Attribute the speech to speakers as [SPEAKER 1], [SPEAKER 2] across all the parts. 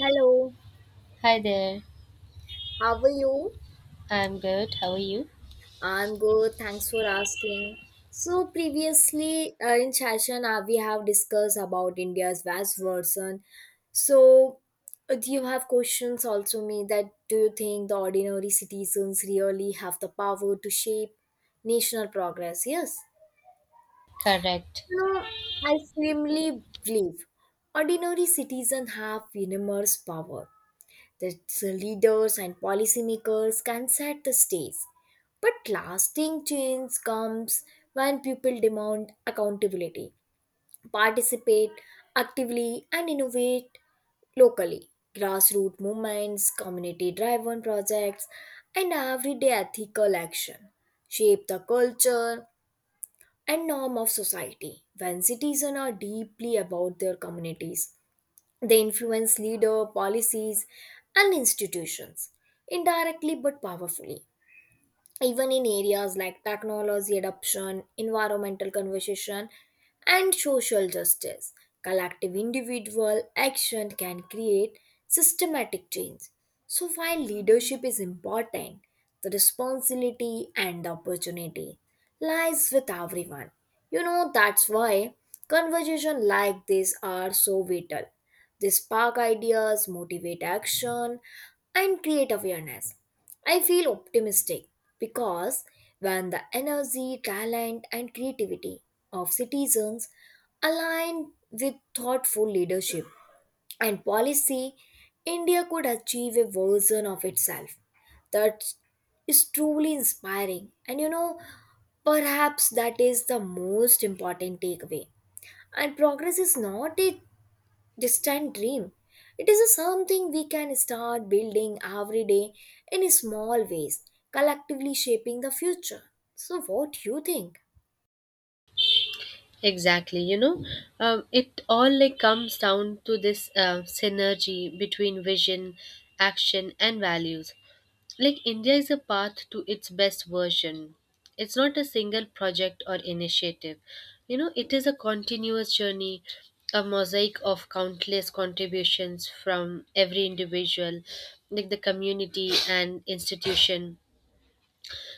[SPEAKER 1] Hello,
[SPEAKER 2] Hi there.
[SPEAKER 1] how are you?
[SPEAKER 2] I'm good. How are you?
[SPEAKER 1] I'm good, thanks for asking. So previously in session we have discussed about India's vast version. So do you have questions also me that do you think the ordinary citizens really have the power to shape national progress? Yes.
[SPEAKER 2] Correct.
[SPEAKER 1] No, I firmly believe ordinary citizens have enormous power. The leaders and policymakers can set the stage. But lasting change comes when people demand accountability, participate actively, and innovate locally. Grassroots movements, community driven projects, and everyday ethical action shape the culture and norm of society. When citizens are deeply about their communities, they influence leader, policies, and institutions indirectly but powerfully, even in areas like technology adoption, environmental conversation, and social justice. Collective individual action can create systematic change. So, while leadership is important, the responsibility and the opportunity lies with everyone. You know, that's why conversations like this are so vital. They spark ideas, motivate action, and create awareness. I feel optimistic because when the energy, talent, and creativity of citizens align with thoughtful leadership and policy, India could achieve a version of itself that is truly inspiring. And you know, perhaps that is the most important takeaway. And progress is not a distant dream. It is a something we can start building every day in small ways, collectively shaping the future. So, what you think?
[SPEAKER 2] Exactly. It all comes down to this synergy between vision, action, and values. India is a path to its best version. It's not a single project or initiative. You know, it is a continuous journey, a mosaic of countless contributions from every individual, the community and institution.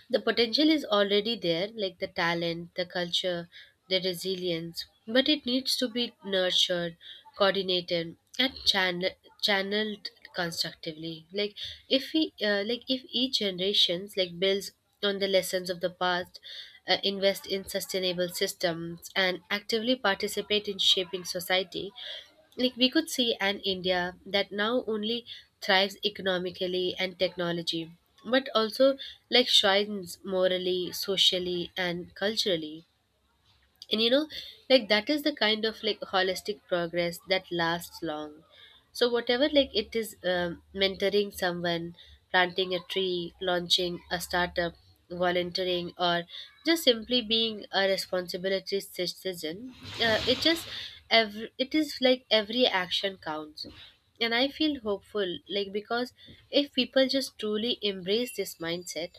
[SPEAKER 2] The potential is already there, like the talent, the culture, the resilience, but it needs to be nurtured, coordinated and channeled constructively. Like if we uh, like if each generations builds on the lessons of the past, invest in sustainable systems and actively participate in shaping society, we could see an India that now only thrives economically and technology, but also shines morally, socially and culturally. And that is the holistic progress that lasts long. So whatever, like it is mentoring someone, planting a tree, launching a startup, volunteering, or just simply being a responsibility citizen, uh, it just it is every action counts. And I feel hopeful, because if people just truly embrace this mindset,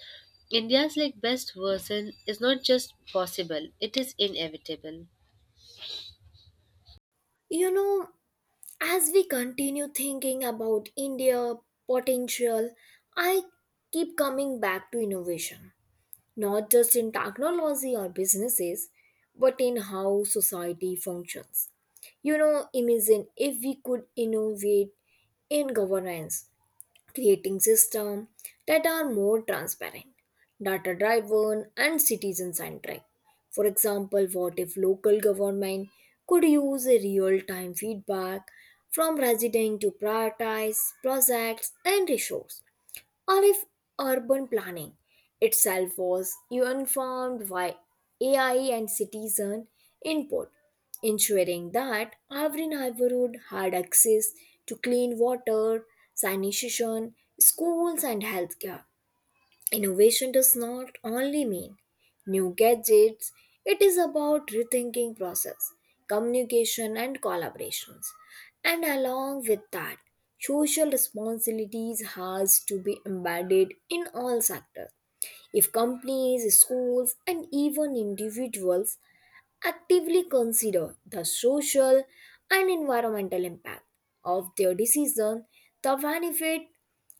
[SPEAKER 2] India's best version is not just possible, it is inevitable.
[SPEAKER 1] You know, as we continue thinking about India potential, I keep coming back to innovation, not just in technology or businesses, but in how society functions. You know, imagine if we could innovate in governance, creating systems that are more transparent, data driven, and citizen centric. For example, what if local government could use a real time feedback from residents to prioritize projects and resources? Or if urban planning itself was informed by AI and citizen input, ensuring that every neighborhood had access to clean water, sanitation, schools, and healthcare. Innovation does not only mean new gadgets, it is about rethinking process, communication and collaborations. And along with that, social responsibilities has to be embedded in all sectors. If companies, schools and even individuals actively consider the social and environmental impact of their decision, the benefit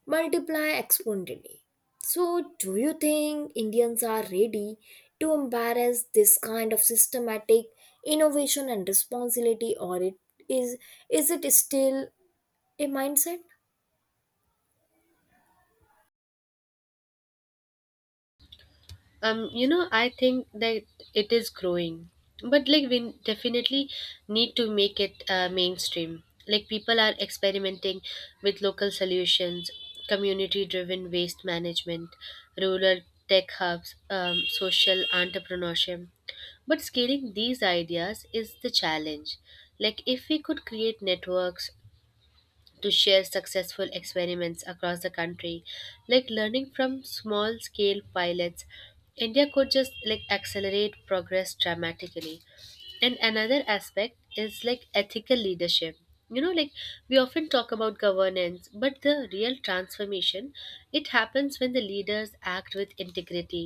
[SPEAKER 1] multiply exponentially. So, do you think Indians are ready to embrace this kind of systematic innovation and responsibility, or it is is it still a mindset?
[SPEAKER 2] Um you know I think that it is growing, but we definitely need to make it mainstream. Like people are experimenting with local solutions, community driven waste management, rural tech hubs, social entrepreneurship, but scaling these ideas is the challenge. Like if we could create networks to share successful experiments across the country, learning from small scale pilots, India could just like accelerate progress dramatically. And another aspect is ethical leadership. You know like we often talk about governance, but the real transformation, it happens when the leaders act with integrity,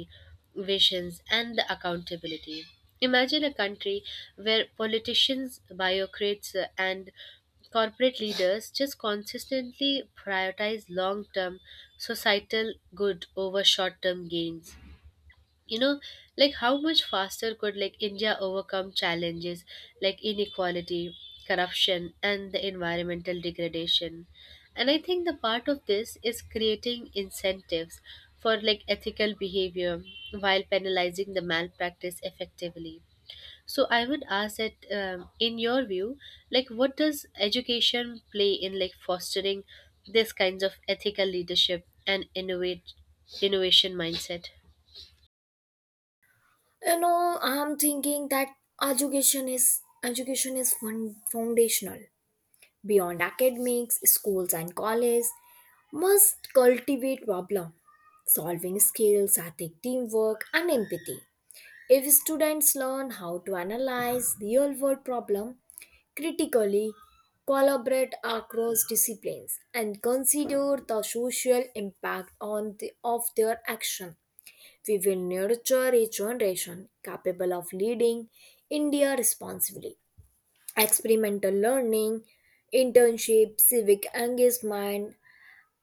[SPEAKER 2] visions and the accountability. Imagine a country where politicians, bureaucrats, and corporate leaders just consistently prioritize long term societal good over short term gains. You know, how much faster could India overcome challenges like inequality, corruption, and the environmental degradation? And I think the part of this is creating incentives for ethical behavior while penalizing the malpractice effectively. So I would ask that, in your view, what does education play in fostering this kinds of ethical leadership and innovate innovation mindset?
[SPEAKER 1] You know, I'm thinking that education is education is fun, foundational. Beyond academics, schools, and colleges, must cultivate problem solving skills, ethic, teamwork, and empathy. If students learn how to analyze real world problem critically, collaborate across disciplines, and consider the social impact on of their action, we will nurture a generation capable of leading India responsibly. Experimental learning, internship, civic engagement,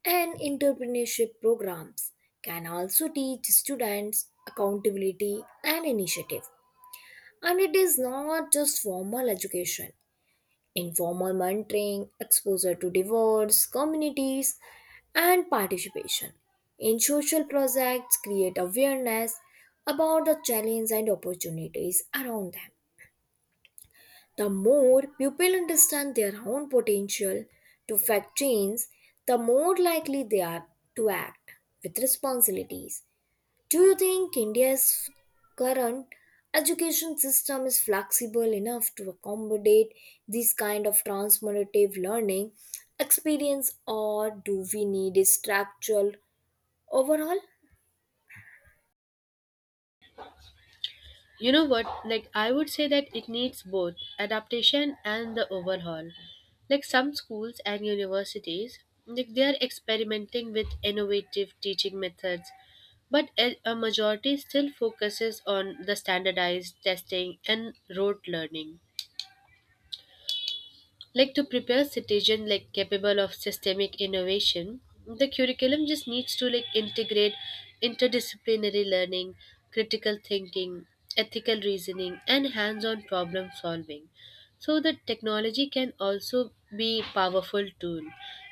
[SPEAKER 1] and entrepreneurship programs can also teach students accountability and initiative. And it is not just formal education, informal mentoring, exposure to diverse communities, and participation in social projects create awareness about the challenges and opportunities around them. The more people understand their own potential to affect change, the more likely they are to act with responsibilities. Do you think India's current education system is flexible enough to accommodate this kind of transformative learning experience, or do we need a structural overhaul?
[SPEAKER 2] You know what? I would say that it needs both adaptation and the overhaul. Like some schools and universities, they are experimenting with innovative teaching methods, but a majority still focuses on the standardized testing and rote learning. Like to prepare citizens capable of systemic innovation, the curriculum just needs to integrate interdisciplinary learning, critical thinking, ethical reasoning, and hands-on problem solving. So the technology can also be powerful tool.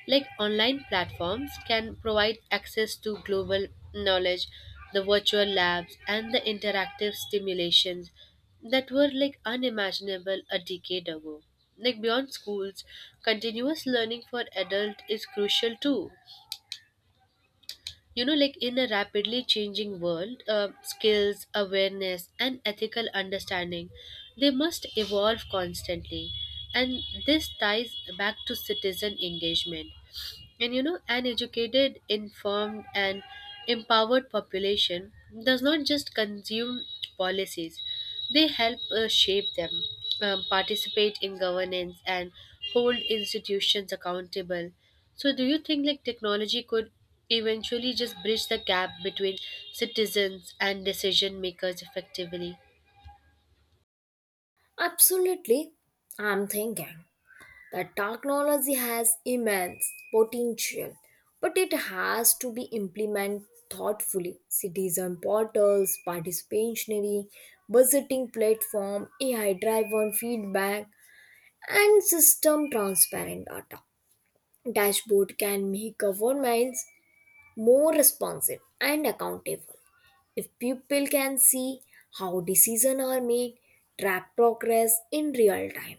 [SPEAKER 2] Like online platforms can provide access to global knowledge, the virtual labs and the interactive stimulations that were unimaginable a decade ago. Like beyond schools, continuous learning for adult is crucial too. You know, in a rapidly changing world, skills, awareness, and ethical understanding, they must evolve constantly. And this ties back to citizen engagement. And you know, an educated, informed, and empowered population does not just consume policies, they help shape them, participate in governance, and hold institutions accountable. So, do you think technology could eventually just bridge the gap between citizens and decision makers effectively?
[SPEAKER 1] Absolutely, I'm thinking. The technology has immense potential, but it has to be implemented thoughtfully. Citizen portals, participatory budgeting platform, AI-driven feedback, and system transparent data. Dashboard can make governments more responsive and accountable. If people can see how decisions are made, track progress in real time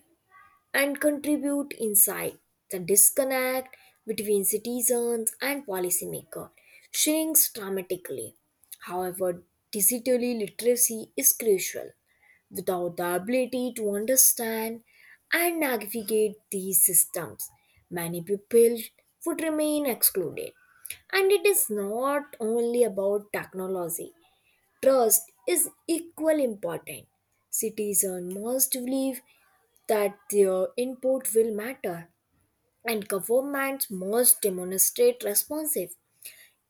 [SPEAKER 1] and contribute insight. The disconnect between citizens and policymakers shrinks dramatically. However, digital literacy is crucial. Without the ability to understand and navigate these systems, many people would remain excluded. And it is not only about technology, trust is equally important. Citizens must believe that their input will matter and governments must demonstrate responsive.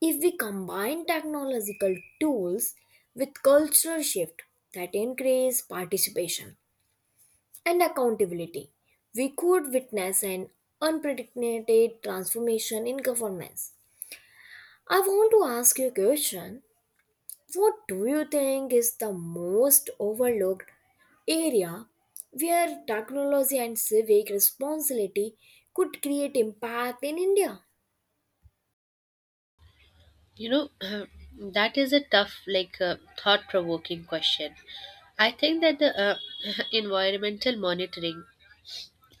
[SPEAKER 1] If we combine technological tools with cultural shift that increase participation and accountability, we could witness an unprecedented transformation in governments. I want to ask you a question. What do you think is the most overlooked area where technology and civic responsibility could create impact in India?
[SPEAKER 2] You know, that is a tough, thought provoking question. I think that the environmental monitoring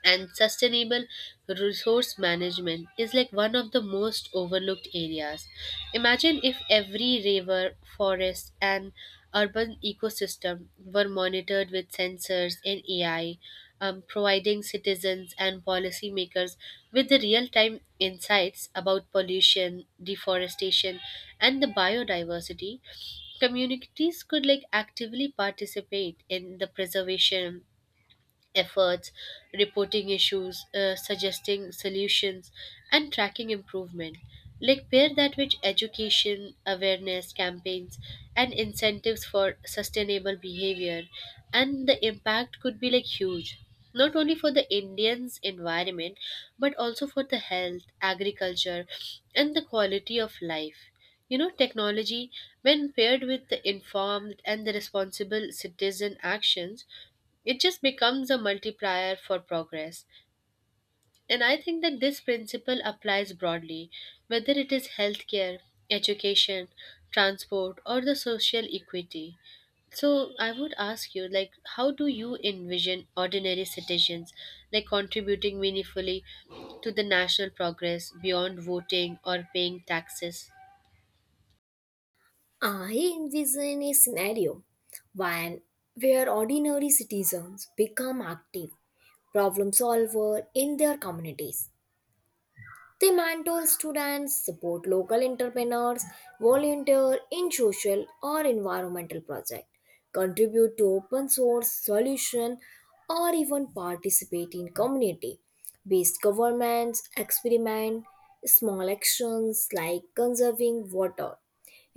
[SPEAKER 2] and sustainable resource management is one of the most overlooked areas. Imagine if every river, forest and urban ecosystem were monitored with sensors and AI, providing citizens and policymakers with the real-time insights about pollution, deforestation, and the biodiversity. Communities could actively participate in the preservation efforts, reporting issues, suggesting solutions, and tracking improvement. Like pair that with education, awareness campaigns, and incentives for sustainable behavior, and the impact could be huge. Not only for the Indians' environment, but also for the health, agriculture, and the quality of life. You know, technology, when paired with the informed and the responsible citizen actions, it just becomes a multiplier for progress. And I think that this principle applies broadly, whether it is healthcare, education, transport, or the social equity. So I would ask you, how do you envision ordinary citizens, contributing meaningfully to the national progress beyond voting or paying taxes?
[SPEAKER 1] I envision a scenario when where ordinary citizens become active problem solver in their communities. They mentor students, support local entrepreneurs, volunteer in social or environmental projects, contribute to open source solution, or even participate in community based governments. Experiment small actions like conserving water,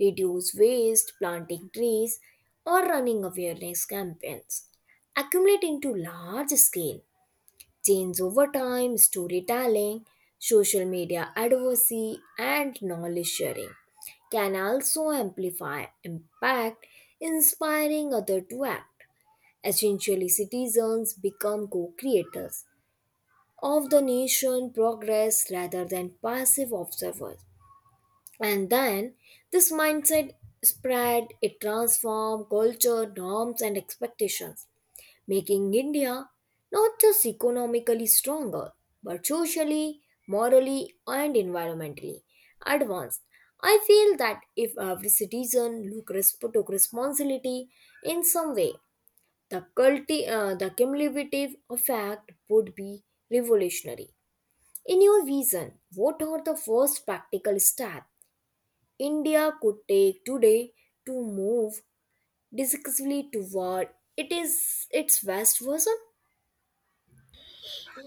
[SPEAKER 1] reduce waste, planting trees, or running awareness campaigns accumulate into large scale change over time. Storytelling, social media advocacy, and knowledge sharing can also amplify impact, inspiring others to act. Essentially, citizens become co creators of the nation progress rather than passive observers. And then this mindset spread, it transforms culture, norms, and expectations, making India not just economically stronger, but socially, morally, and environmentally advanced. I feel that if every citizen took responsibility in some way, the cumulative effect would be revolutionary. In your vision, what are the first practical steps India could take today to move decisively toward it is its best version?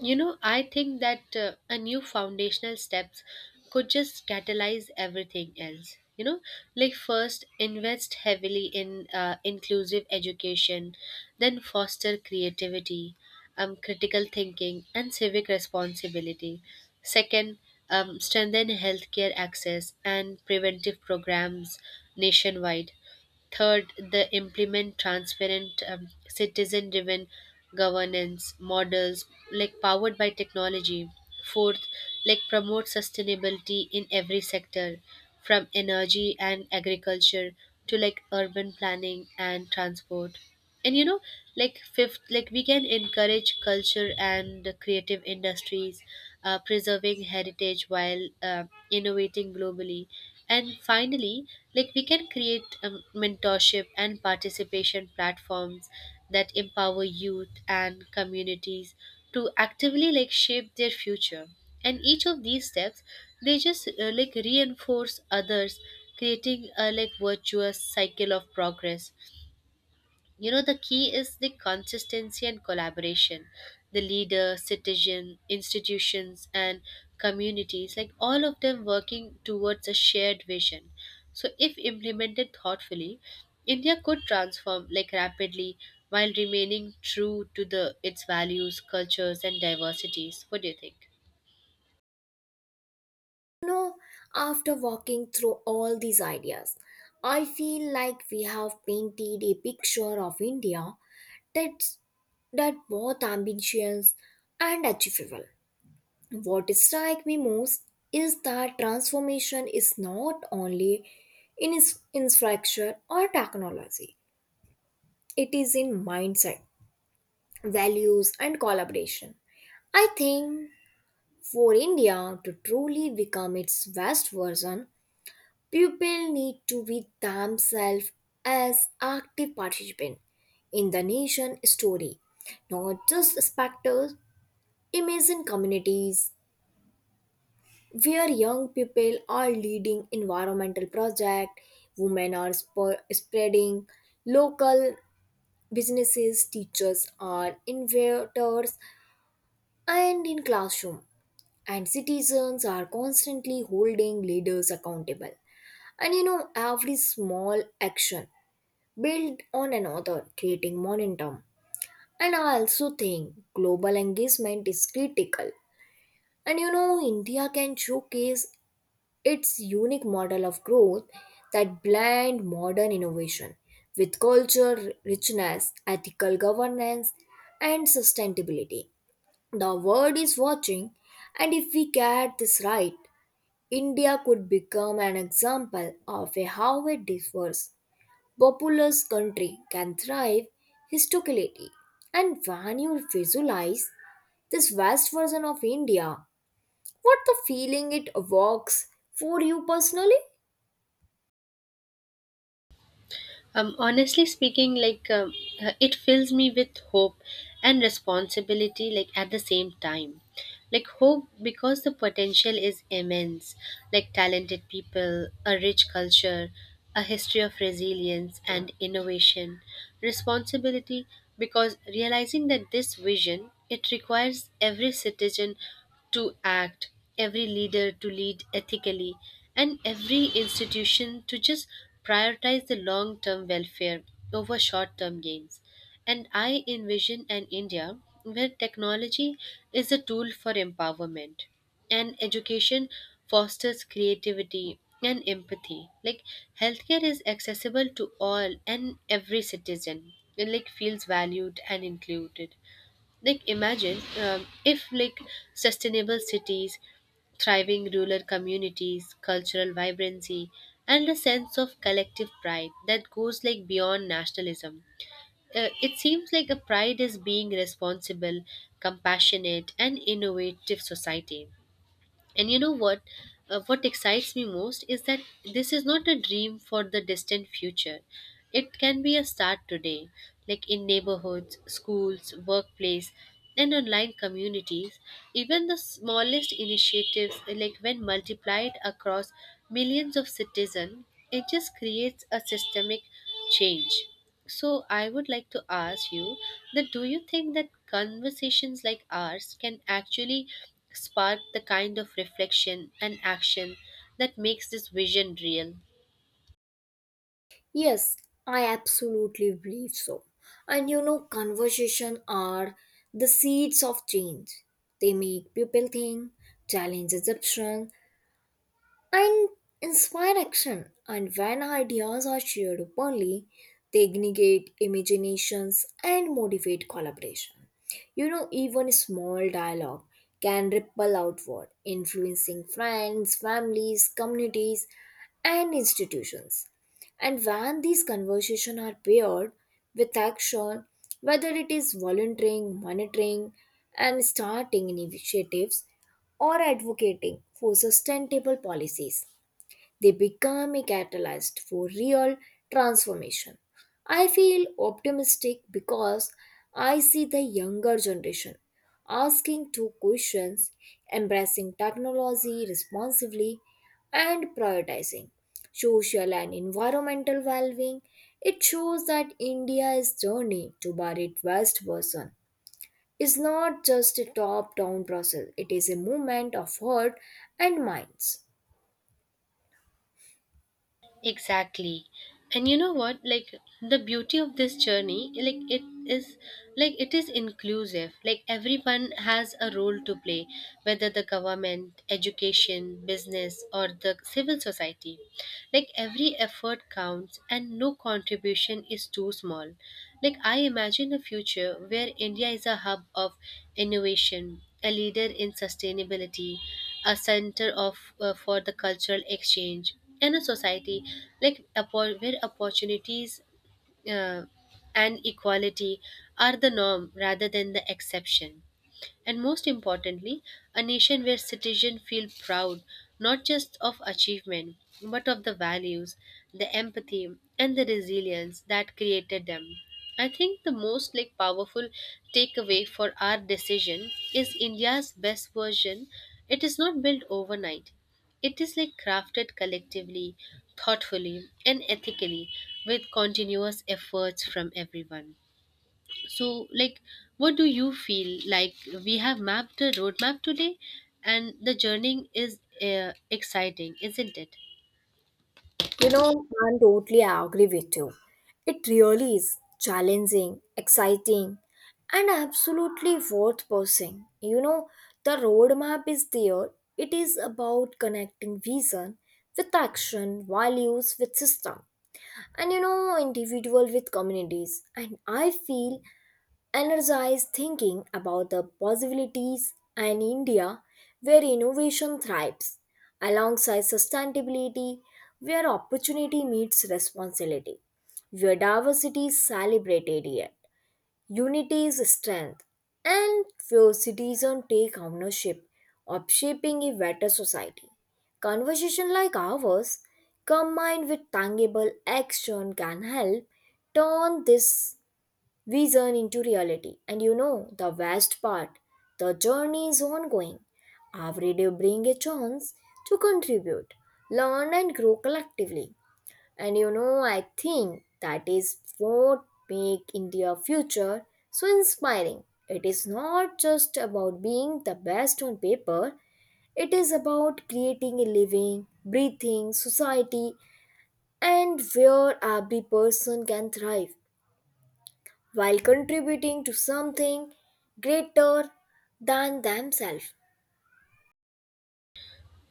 [SPEAKER 2] You know, I think that a new foundational steps could just catalyze everything else. You know, first invest heavily in inclusive education, then foster creativity, critical thinking, and civic responsibility. Second, strengthen healthcare access and preventive programs nationwide. Third, they implement transparent, citizen driven governance models powered by technology. Fourth, promote sustainability in every sector, from energy and agriculture to urban planning and transport. And fifth, we can encourage culture and the creative industries, preserving heritage while innovating globally. And finally, we can create mentorship and participation platforms that empower youth and communities to actively shape their future. And each of these steps, they just like reinforce others, creating a virtuous cycle of progress. You know, the key is the consistency and collaboration. The leader, citizen, institutions, and communities, all of them working towards a shared vision. So, if implemented thoughtfully, India could transform rapidly while remaining true to the its values, cultures, and diversities. What do you think?
[SPEAKER 1] Know, after walking through all these ideas, I feel like we have painted a picture of India that's that both ambitious and achievable. What strikes me most is that transformation is not only in its infrastructure or technology, it is in mindset, values, and collaboration. I think for India to truly become its best version, pupils need to be themselves as active participants in the nation story, not just spectators. Imagine communities where young people are leading environmental projects, women are spreading local businesses, teachers are innovators, and in classroom, and citizens are constantly holding leaders accountable. And you know, every small action build on another, creating momentum. And I also think global engagement is critical. And you know, India can showcase its unique model of growth that blend modern innovation with culture, richness, ethical governance, and sustainability. The world is watching, and if we get this right, India could become an example of a how a diverse populous country can thrive historically. And when you visualize this vast version of India, what the feeling it evokes for you personally?
[SPEAKER 2] Honestly speaking, it fills me with hope and responsibility, at the same time. Like hope because the potential is immense, like talented people, a rich culture, a history of resilience and innovation. Responsibility because realizing that this vision, it requires every citizen to act, every leader to lead ethically, and every institution to just prioritize the long term welfare over short term gains. And I envision an India where technology is a tool for empowerment and education fosters creativity and empathy. Like healthcare is accessible to all and every citizen, and feels valued and included. Like imagine um, if like sustainable cities, thriving rural communities, cultural vibrancy, and a sense of collective pride that goes beyond nationalism. It seems like a pride is being responsible, compassionate and innovative society. And you know what? What excites me most is that this is not a dream for the distant future. It can be a start today, in neighborhoods, schools, workplace, and online communities. Even the smallest initiatives, when multiplied across millions of citizens, it just creates a systemic change. So I would like to ask you that do you think that conversations like ours can actually spark the kind of reflection and action that makes this vision real?
[SPEAKER 1] Yes, I absolutely believe so. And you know, conversation are the seeds of change. They make people think, challenge assumptions, and inspire action. And when ideas are shared openly, they ignite imaginations and motivate collaboration. You know, even small dialogue can ripple outward, influencing friends, families, communities, and institutions. And when these conversations are paired with action, whether it is volunteering, monitoring, and starting initiatives, or advocating for sustainable policies. They become a catalyst for real transformation. I feel optimistic because I see the younger generation asking two questions, embracing technology responsibly, and prioritizing social and environmental well being. It shows that India is turning to a it West person is not just a top down process, it is a movement of heart and minds.
[SPEAKER 2] Exactly. And you know what? The beauty of this journey, is it is inclusive. Like everyone has a role to play, whether the government, education, business or the civil society. Like every effort counts and no contribution is too small. Like I imagine a future where India is a hub of innovation, a leader in sustainability, a center of for the cultural exchange in a society where opportunities uh, and equality are the norm rather than the exception. And most importantly, a nation where citizens feel proud not just of achievement, but of the values, the empathy, and the resilience that created them. I think the most powerful takeaway for our decision is India's best version. It is not built overnight. It is crafted collectively, thoughtfully, and ethically with continuous efforts from everyone. So, what do you feel? We have mapped the roadmap today, and the journey is exciting, isn't it?
[SPEAKER 1] You know, I totally agree with you. It really is challenging, exciting, and absolutely worth pursuing. You know, the roadmap is there. It is about connecting vision with action, values with system, and you know, individual with communities. And I feel energized thinking about the possibilities and India where innovation thrives alongside sustainability, where opportunity meets responsibility, where diversity is celebrated yet unity is strength, and where citizens take ownership of shaping a better society. Conversation like ours, combined with tangible action, can help turn this we journey into reality, and you know the best part, the journey is ongoing. Every day bring a chance to contribute, learn, and grow collectively. And you know, I think that is what make India future so inspiring. It is not just about being the best on paper, it is about creating a living, breathing society and where every person can thrive while contributing to something greater than themselves.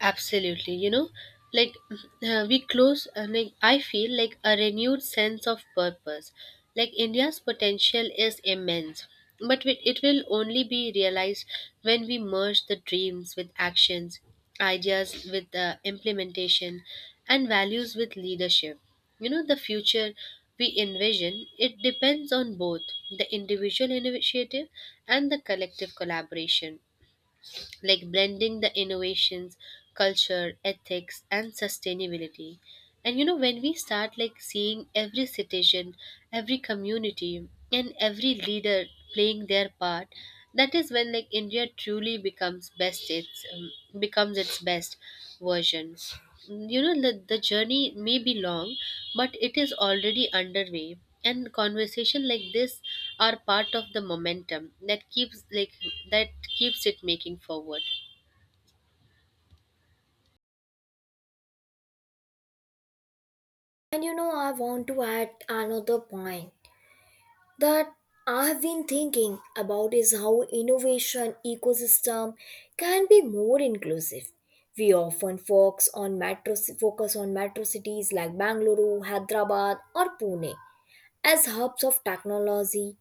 [SPEAKER 2] Absolutely, you know, we close, I feel like a renewed sense of purpose. Like India's potential is immense, but it will only be realized when we merge the dreams with actions, ideas with implementation, and values with leadership. You know, the future we envision, it depends on both the individual initiative and the collective collaboration, blending the innovations, culture, ethics and sustainability. And you know, when we start seeing every citizen, every community and every leader playing their part, that is when India truly becomes best its becomes its best version. The journey may be long, but it is already underway, and conversation like this are part of the momentum that keeps like that keeps it making forward.
[SPEAKER 1] And you know, I want to add another point that I have been thinking about is how innovation ecosystem can be more inclusive. We often focus on metro cities like Bangalore, Hyderabad, or Pune, as hubs of technology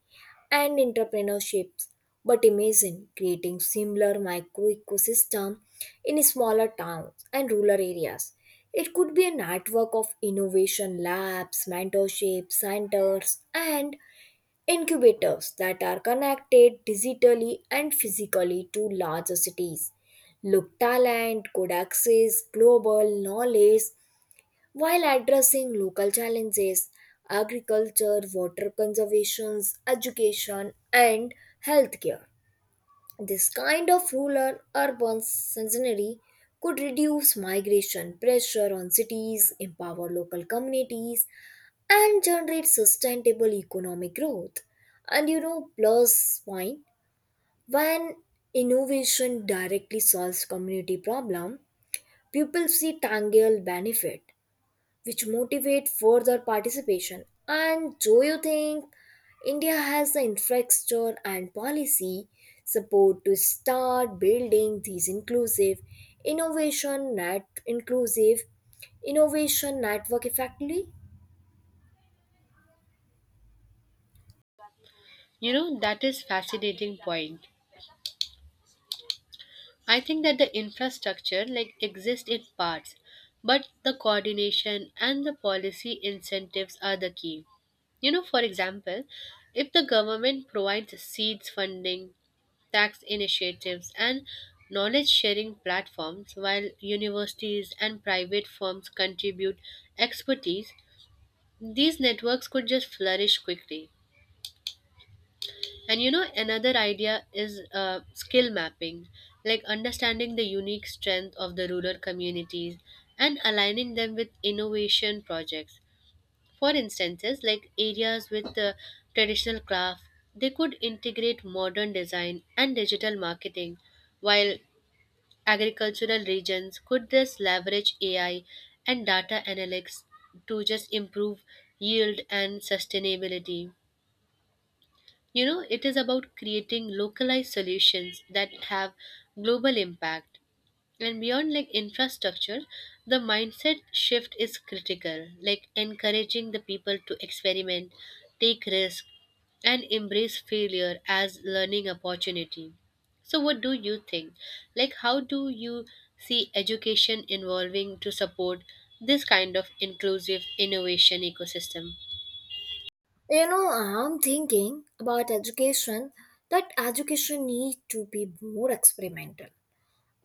[SPEAKER 1] and entrepreneurships. But imagine creating similar micro ecosystem in smaller towns and rural areas. It could be a network of innovation labs, mentorship centers, and incubators that are connected digitally and physically to larger cities. Look talent could access global knowledge while addressing local challenges, agriculture, water conservation, education, and healthcare. This kind of rural urban scenery could reduce migration pressure on cities, empower local communities, and generate sustainable economic growth. And you know, plus point, when innovation directly solves community problem, people see tangible benefit which motivate further participation. And do you think India has the infrastructure and policy support to start building these inclusive innovation network effectively?
[SPEAKER 2] You know that is fascinating point. I think that the infrastructure exists in parts, but the coordination and the policy incentives are the key. You know, for example, if the government provides seeds funding, tax initiatives, and knowledge sharing platforms, while universities and private firms contribute expertise, these networks could just flourish quickly. And you know, another idea is skill mapping, understanding the unique strength of the rural communities and aligning them with innovation projects. For instances, areas with traditional craft, they could integrate modern design and digital marketing, while agricultural regions could just leverage AI and data analytics to just improve yield and sustainability. You know, it is about creating localized solutions that have global impact. And beyond infrastructure, the mindset shift is critical, like encouraging the people to experiment, take risk, and embrace failure as learning opportunity. So what do you think? How do you see education involving to support this kind of inclusive innovation ecosystem?
[SPEAKER 1] You know, I'm thinking about education that education need to be more experimental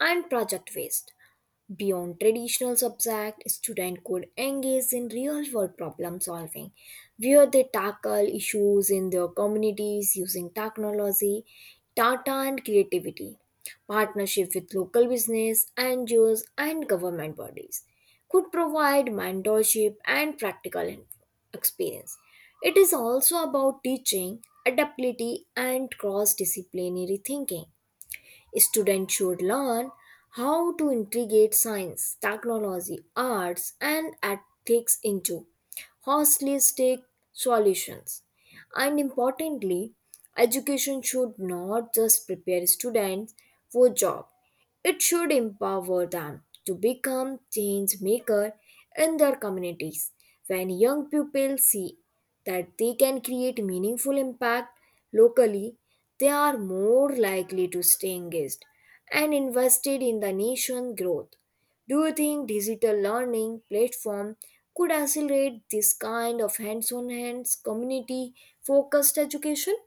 [SPEAKER 1] and project based. Beyond traditional subjects, students could engage in real world problem solving, where they tackle issues in their communities using technology, data, and creativity. Partnership with local business, NGOs, and government bodies could provide mentorship and practical experience. It is also about teaching adaptability and cross disciplinary thinking. Students should learn how to integrate science, technology, arts, and ethics into holistic solutions. And importantly, education should not just prepare students for jobs, it should empower them to become change makers in their communities. When young people see that they can create meaningful impact locally, they are more likely to stay engaged and invested in the nation growth. Do you think digital learning platform could accelerate this kind of hands community focused education?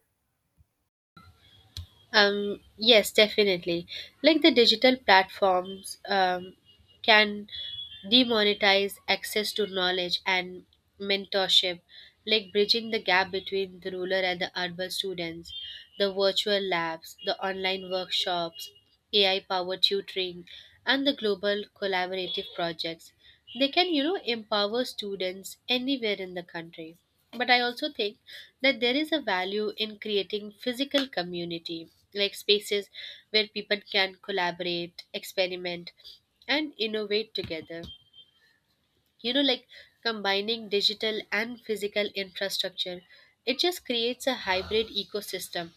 [SPEAKER 2] Yes, definitely. Like the digital platforms can demonetize access to knowledge and mentorship, bridging the gap between the rural and the urban students, the virtual labs, the online workshops, AI powered tutoring and the global collaborative projects. They can, you know, empower students anywhere in the country. But I also think that there is a value in creating physical community, like spaces where people can collaborate, experiment, and innovate together. You know, like Combining digital and physical infrastructure, it just creates a hybrid ecosystem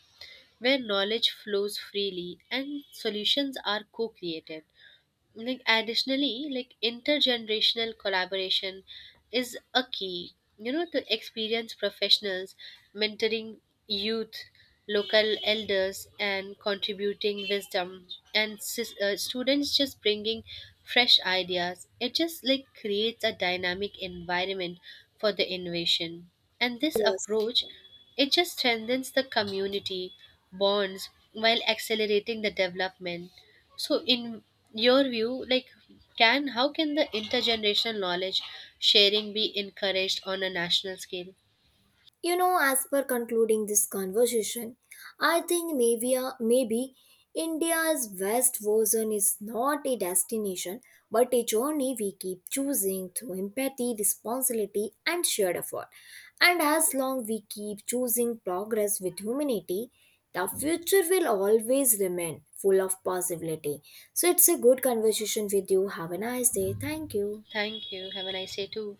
[SPEAKER 2] where knowledge flows freely and solutions are co-created. Additionally, intergenerational collaboration is a key, you know, to experience professionals mentoring youth, local elders, and contributing wisdom. Students just bringing fresh ideas, it just like creates a dynamic environment for the innovation. And this approach, it just strengthens the community bonds while accelerating the development. So, in your view, like can how can the intergenerational knowledge sharing be encouraged on a national scale?
[SPEAKER 1] You know, as per concluding this conversation, I think maybe maybe India's West version is not a destination but a journey we keep choosing through empathy, responsibility, and shared effort. And as long we keep choosing progress with humanity, the future will always remain full of possibility. So it's a good conversation with you. Have a nice day. Thank you.
[SPEAKER 2] Thank you. Have a nice day too.